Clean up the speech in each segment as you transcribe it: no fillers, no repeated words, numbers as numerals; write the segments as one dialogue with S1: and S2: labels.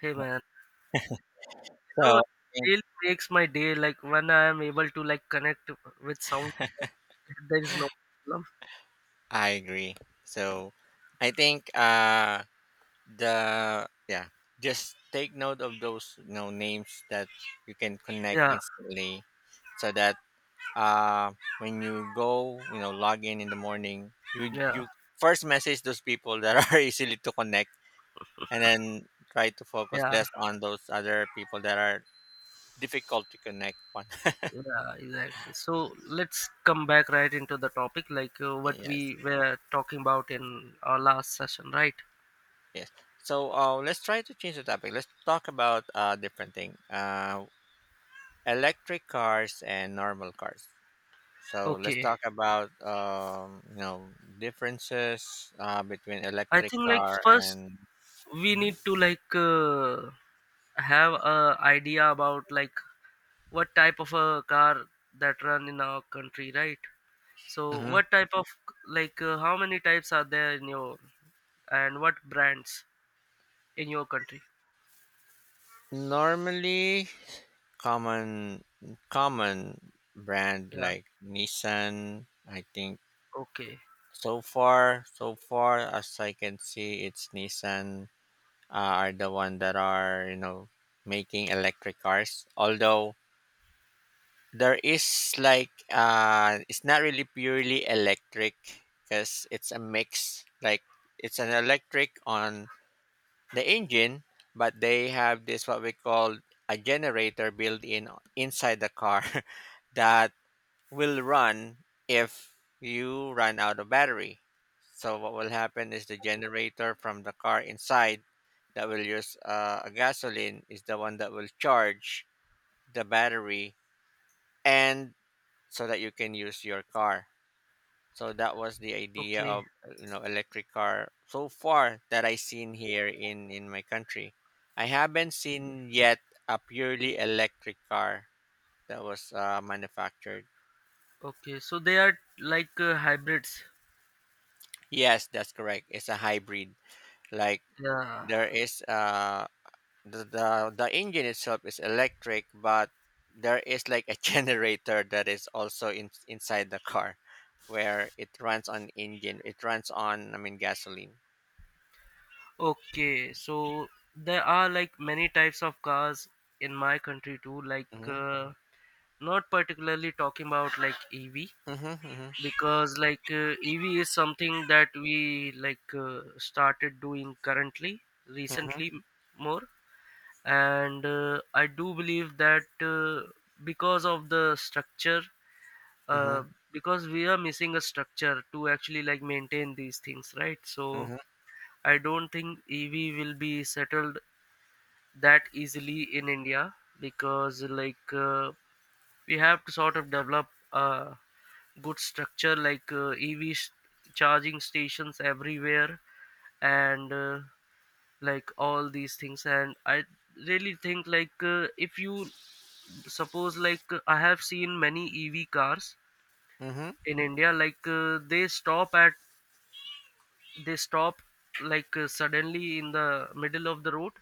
S1: Hey
S2: So
S1: man, you know,
S2: I think
S1: it makes my day. Like when I am able to like connect with sound, there is no problem.
S2: I agree. So I think the yeah, Just take note of those names that you can connect
S1: Yeah,
S2: instantly so that uh when you go, log in the morning, you
S1: yeah,
S2: you first message those people that are easily to connect and then try to focus
S1: yeah,
S2: less on those other people that are difficult to connect on.
S1: yeah, exactly. So let's come back right into the topic, like what
S2: Yes.
S1: we were talking about in our last session, right?
S2: Yes. So let's try to change the topic. Let's talk about a different thing. Electric cars and normal cars. So let's
S1: Okay,
S2: talk about differences between
S1: I
S2: electric
S1: think like
S2: car
S1: first
S2: and
S1: we
S2: mhm,
S1: need to like have a idea about like what type of a car that run in our country, right? So
S2: mhm.
S1: what type of like how many types are there in your and what brands in your country?
S2: Normally, common common brand
S1: Yeah.
S2: like Nissan. I think
S1: Okay.
S2: so far as I can see, it's Nissan are the one that are making electric cars. Although there is like it's not really purely electric because it's a mix. Like it's an electric on the engine, but they have this what we call a generator built in inside the car that will run if you run out of battery. So what will happen is the generator from the car inside that will use a gasoline is the one that will charge the battery and so that you can use your car. So that was the idea
S1: Okay.
S2: of electric car so far that I seen here in my country. I haven't seen yet a purely electric car that was manufactured.
S1: Okay. So they are like hybrids.
S2: Yes, that's correct. It's a hybrid. Like
S1: Yeah.
S2: there is the, the engine itself is electric, but there is like a generator that is also in, inside the car where it runs on engine it runs on I mean gasoline.
S1: Okay. So there are like many types of cars in my country too. Like
S2: Mhm,
S1: not particularly talking about like EV
S2: mhm, mhm,
S1: because like EV is something that we like started doing currently
S2: mhm,
S1: recently more and I do believe that because of the structure uh,
S2: mhm,
S1: because we are missing a structure to actually like maintain these things, right? So
S2: mhm,
S1: I don't think ev will be settled that easily in india, because like we have to sort of develop a good structure like charging stations everywhere and like all these things, and I really think like if you suppose like I have seen many ev cars
S2: mhm.
S1: in india like they stop like suddenly in the middle of the road,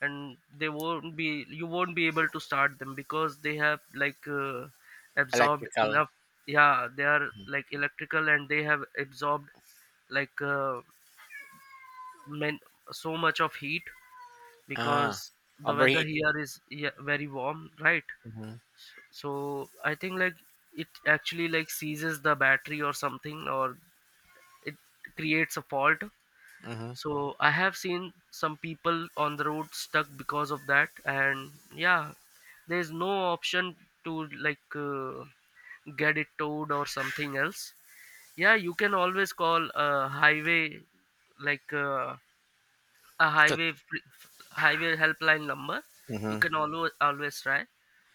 S1: and they won't be you won't be able to start them because they have like absorbed
S2: Electrical.
S1: enough. Yeah, they are
S2: Mhm.
S1: like electrical and they have absorbed like men, so much of heat
S2: Ah,
S1: because the weather
S2: overheat.
S1: here is, yeah, very warm, right?
S2: Mhm,
S1: So I think like it actually like seizes the battery or something, or it creates a fault.
S2: mhm.
S1: So I have seen some people on the road stuck because of that, and yeah, there's no option to like get it towed or something else. Yeah, you can always call a highway like
S2: To,
S1: highway helpline number. You
S2: mhm.
S1: can always always try,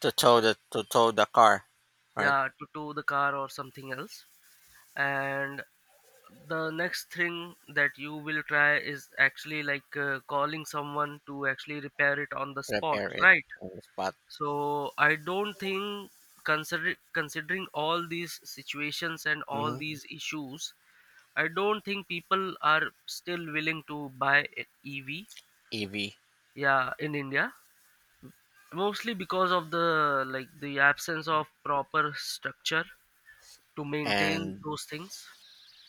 S2: to tow
S1: but
S2: the to tow the car, right?
S1: yeah, to tow the car or something else. And the next thing that you will try is actually like calling someone to actually repair it on the spot,
S2: Repair it
S1: right?
S2: on the spot.
S1: So I don't think considering all these situations and all
S2: Mhm.
S1: these issues, I don't think people are still willing to buy a ev,
S2: EV
S1: yeah, in india, mostly because of the like the absence of proper structure to maintain
S2: and
S1: those things.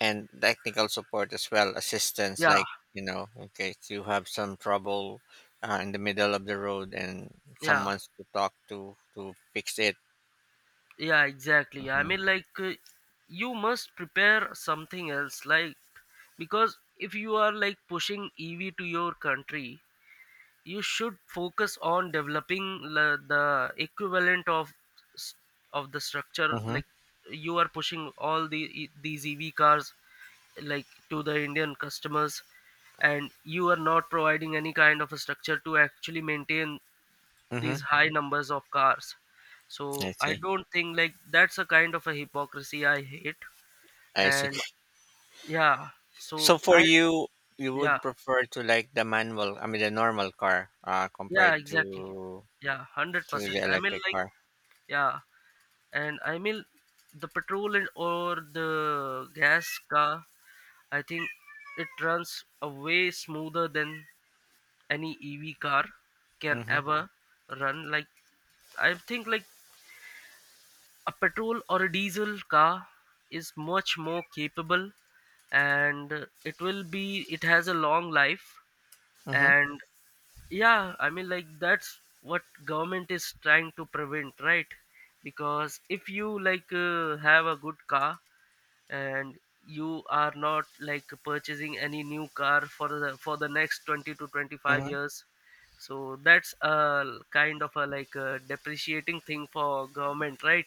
S2: technical support as well, assistance,
S1: yeah
S2: in case you have some trouble in the middle of the road and
S1: yeah
S2: someone's to talk to fix it.
S1: Yeah, exactly. I
S2: Mm-hmm.
S1: mean, like, you must prepare something else, like, because if you are like pushing EV to your country, you should focus on developing the equivalent of s- of the structure.
S2: Mm-hmm.
S1: Like, you are pushing all the these EV cars like to the Indian customers, and you are not providing any kind of a structure to actually maintain
S2: Mm-hmm.
S1: these high numbers of cars. So
S2: I
S1: I
S2: see.
S1: don't think like that's a kind of a hypocrisy I hate.
S2: I see.
S1: And yeah, so
S2: So for
S1: i,
S2: you, you
S1: yeah,
S2: would prefer to like the manual, I mean the normal car,
S1: yeah
S2: compared
S1: exactly yeah
S2: to the
S1: 100%. I mean
S2: electric
S1: like,
S2: car.
S1: yeah, and I mean the petrol and or the gas car, I think it runs a way smoother than any ev car can
S2: Mm-hmm.
S1: ever run. Like I think like a petrol or a diesel car is much more capable, and it will be it has a long life.
S2: Mm-hmm.
S1: And yeah, I mean like that's what government is trying to prevent, right? Because if you like have a good car and you are not like purchasing any new car for the next 20 to 25
S2: Mm-hmm.
S1: years, so that's a kind of a like a depreciating thing for government, right?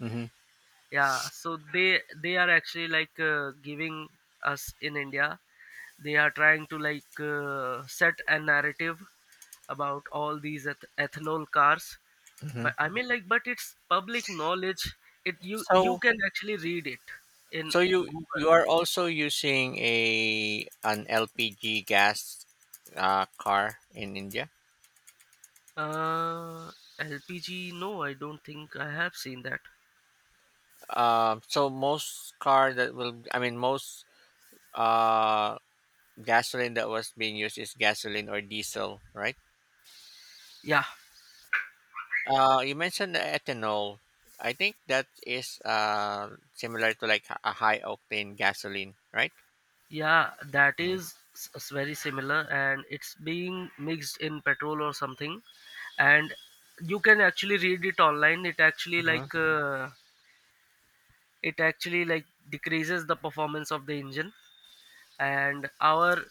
S2: Mm-hmm.
S1: Yeah, so they are actually like giving us in india, they are trying to like set a narrative about all these ethanol cars.
S2: Hmm.
S1: But I mean like, but it's public knowledge, it you you
S2: So
S1: can actually read it in
S2: so you
S1: google.
S2: are also using a an LPG gas car in India.
S1: Uh, lpg, no I don't think I have seen that.
S2: Most car that will, I mean most uh gasoline that was being used is gasoline or diesel, right?
S1: Yeah
S2: You mentioned the ethanol. I think that is similar to like a high octane gasoline, right?
S1: Yeah, that is very similar, and it's being mixed in petrol or something, and you can actually read it online.
S2: Mm-hmm.
S1: It actually like decreases the performance of the engine, and our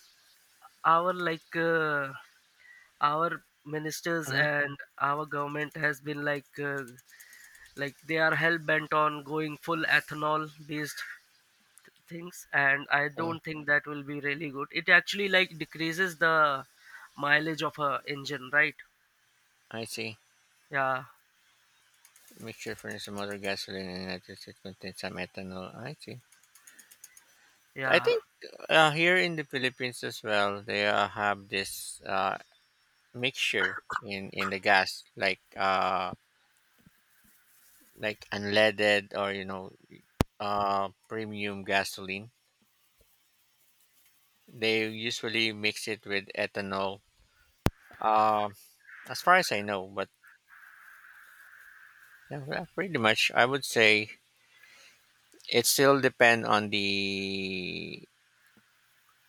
S1: our like our ministers
S2: Hmm.
S1: and our government has been like they are hell bent on going full ethanol based things, and I
S2: So
S1: don't think that will be really good. It actually like decreases the mileage of a engine, right?
S2: I see.
S1: yeah
S2: Mixture furnace and motor gasoline and nitrogen contains some ethanol. I see. I
S1: yeah
S2: think here in the Philippines as well, they have this mixture in the gas, like unleaded or premium gasoline. They usually mix it with ethanol. Um, As far as I know, but yeah, well, pretty much I would say it still depend on the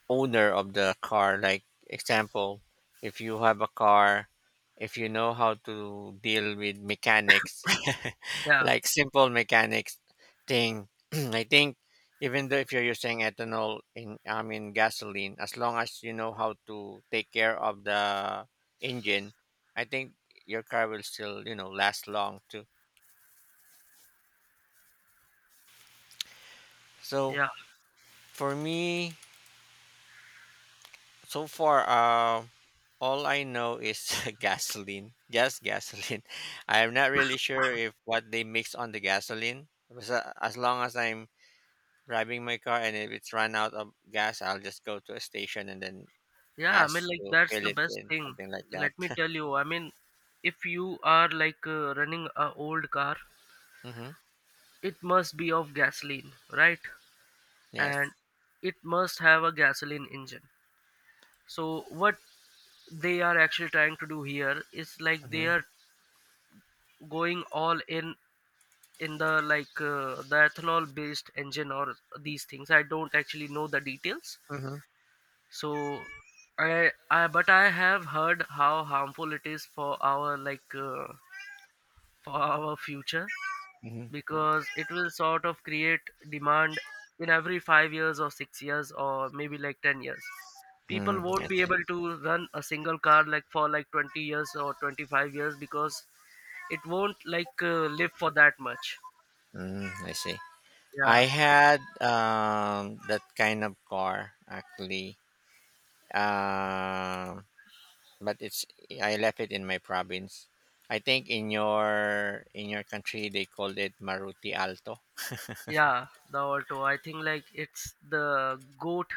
S2: owner of the car. Like example, if you have a car, if you know how to deal with mechanics,
S1: yeah
S2: like simple mechanics thing, I think even though if you're using ethanol in I mean gasoline, as long as you know how to take care of the engine, I think your car will still, last long too. So
S1: yeah
S2: for me, so far, all I know is gasoline, just gasoline. I'm not really sure if what they mix on the gasoline. Because, as long as I'm driving my car and if it's run out of gas, I'll just go to a station and then
S1: yeah, I mean
S2: ask
S1: like
S2: to
S1: that's
S2: fill
S1: the
S2: it
S1: best
S2: in,
S1: thing.
S2: something like that.
S1: Let me tell you, I mean, if you are like running a old car,
S2: Hmm.
S1: it must be of gasoline, right? And
S2: Yes.
S1: it must have a gasoline engine. So what they are actually trying to do here is like they
S2: Hmm.
S1: are going all in the like the ethanol based engine or these things. I don't actually know the details.
S2: Hmm.
S1: So I but I have heard how harmful it is for our like for our future,
S2: Hmm.
S1: because it will sort of create demand in every 5 years or 6 years or maybe like 10 years.
S2: Hmm.
S1: People won't
S2: I
S1: be
S2: see.
S1: able to run a single car like for like 20 years or 25 years because it won't like live for that much.
S2: Mm, I see. I
S1: Yeah.
S2: had that kind of car actually. Um, but it's I left it in my province. I think in your country they called it Maruti Alto.
S1: Yeah, the auto. I think like it's the goat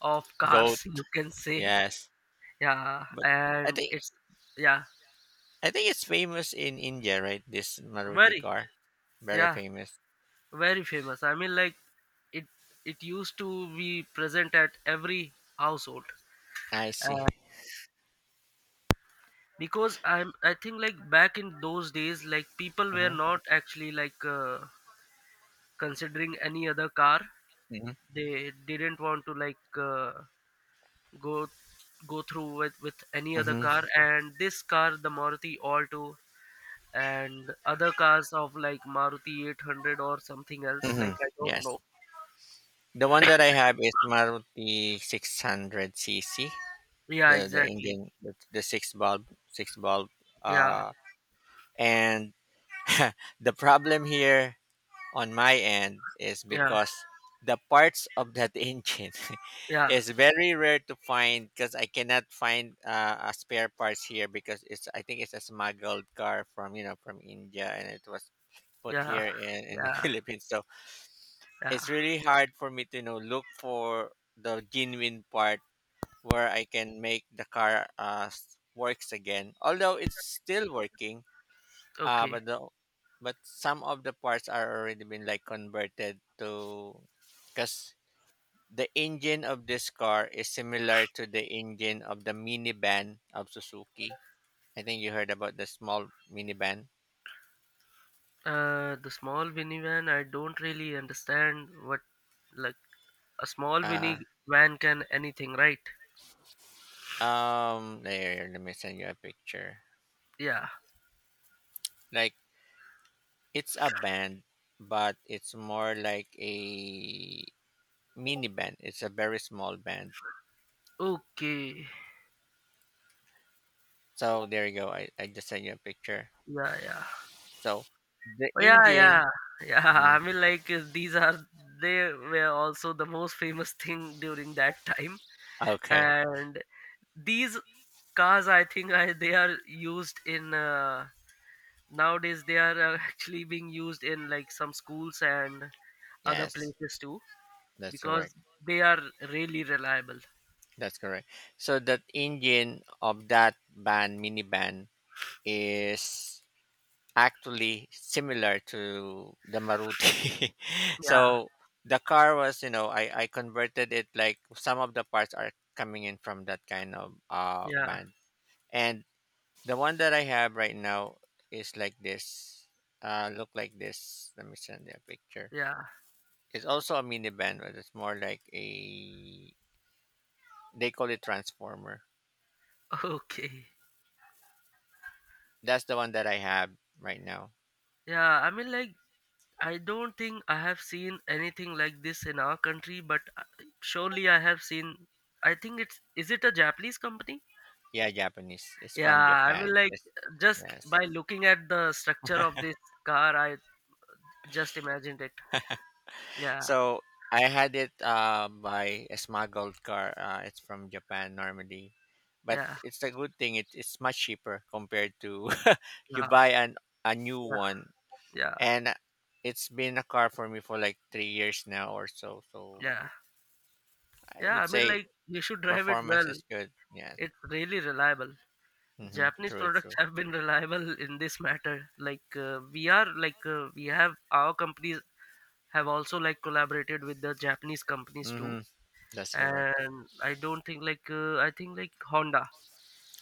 S1: of
S2: Goat.
S1: cars, you can say.
S2: Yes,
S1: Yeah,
S2: but I
S1: and
S2: think
S1: it's, yeah,
S2: I think it's famous in India, right? This Maruti
S1: very
S2: car, very
S1: yeah,
S2: famous.
S1: very famous. I mean like it it used to be present at every household.
S2: I see.
S1: Uh, because I'm I think like back in those days like people were
S2: Mm-hmm.
S1: not actually like considering any other car. They didn't want to like go go through with any other
S2: Mm-hmm.
S1: car. And this car, the maruti alto, and other cars of like maruti 800 or something else,
S2: Hmm.
S1: like I don't know.
S2: Yes, the one that I have is Maruti 600 cc.
S1: yeah
S2: The
S1: exactly
S2: engine, the six bulb,
S1: yeah
S2: uh, and the problem here on my end is
S1: yeah
S2: because the parts of that engine
S1: yeah
S2: is very rare to find because I cannot find a spare parts here because it's I think it's a smuggled car from from India and it was put
S1: yeah
S2: here in the
S1: yeah
S2: Philippines, so
S1: yeah
S2: it's really hard for me to look for the genuine part where I can make the car works again, although it's still working.
S1: okay.
S2: But the but some of the parts are already been like converted to because the engine of this car is similar to the engine of the minivan of Suzuki. I think you heard about the small minivan.
S1: The small minivan, I don't really understand what like a small
S2: Uh
S1: minivan can anything, right?
S2: there let me send you a picture.
S1: Yeah.
S2: Like it's a van but it's more like a minivan. It's a very small van.
S1: Okay.
S2: So there you go. I just sent you a picture.
S1: yeah yeah
S2: So the
S1: Yeah,
S2: engine.
S1: yeah, yeah.
S2: Yeah.
S1: I mean, like these are, they were also the most famous thing during that time,
S2: Okay.
S1: and these cars, I think, I, they are used in nowadays. They are actually being used in like some schools and other
S2: Yes,
S1: places too
S2: that's
S1: because
S2: correct.
S1: they are really reliable.
S2: That's correct. So that engine of that van minivan is actually similar to the Maruti. So
S1: Yeah,
S2: the car was, you know, I converted it like some of the parts are coming in from that kind of
S1: yeah,
S2: van. And the one that I have right now is like this. Uh, look like this. Let me send you a picture.
S1: yeah.
S2: It's also a minivan, but it's more like a, they call it Transformer.
S1: Okay.
S2: That's the one that I have right now.
S1: Yeah, I mean, like I don't think I have seen anything like this in our country, but surely I have seen. I think it's, is it a Japanese company?
S2: Yeah, Japanese. It's
S1: Yeah,
S2: from
S1: I mean,
S2: Japan.
S1: like
S2: It's,
S1: just
S2: yes.
S1: by looking at the structure of this car, I just imagined it. Yeah,
S2: So I had it by a smuggled car. It's from Japan normally, but
S1: yeah,
S2: it's a good thing. It, it's much cheaper compared to you buy
S1: yeah,
S2: an a new
S1: yeah,
S2: one,
S1: yeah,
S2: and it's been a car for me for like 3 years now or so. So
S1: yeah,
S2: I
S1: yeah. I
S2: would
S1: mean,
S2: say
S1: like you should drive it
S2: performance
S1: well.
S2: is good. Yes.
S1: It's really reliable.
S2: Mm-hmm.
S1: Japanese
S2: True.
S1: products
S2: True.
S1: have been reliable in this matter. Like we have our companies have also like collaborated with the Japanese companies too.
S2: Mm-hmm. That's correct.
S1: And I don't think like Honda.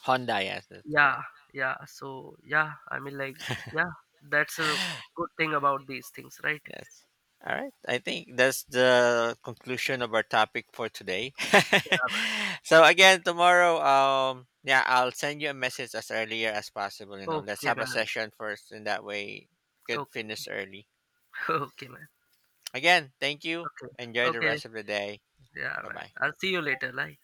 S2: Honda. Yes, that's
S1: Yeah,
S2: correct.
S1: yeah. So yeah, I mean like, yeah, that's a good thing about these things, right?
S2: Yes. All right. I think that's the conclusion of our topic for today.
S1: Yeah, man.
S2: So again, tomorrow, yeah, I'll send you a message as earlier as possible. You know, let's
S1: Okay,
S2: have a
S1: man.
S2: session first, and that way, could
S1: Okay,
S2: finish early.
S1: okay, man.
S2: Again, thank you.
S1: Okay,
S2: Enjoy the
S1: okay.
S2: rest of the day.
S1: Yeah,
S2: Bye
S1: man.
S2: bye.
S1: I'll see you later. Like.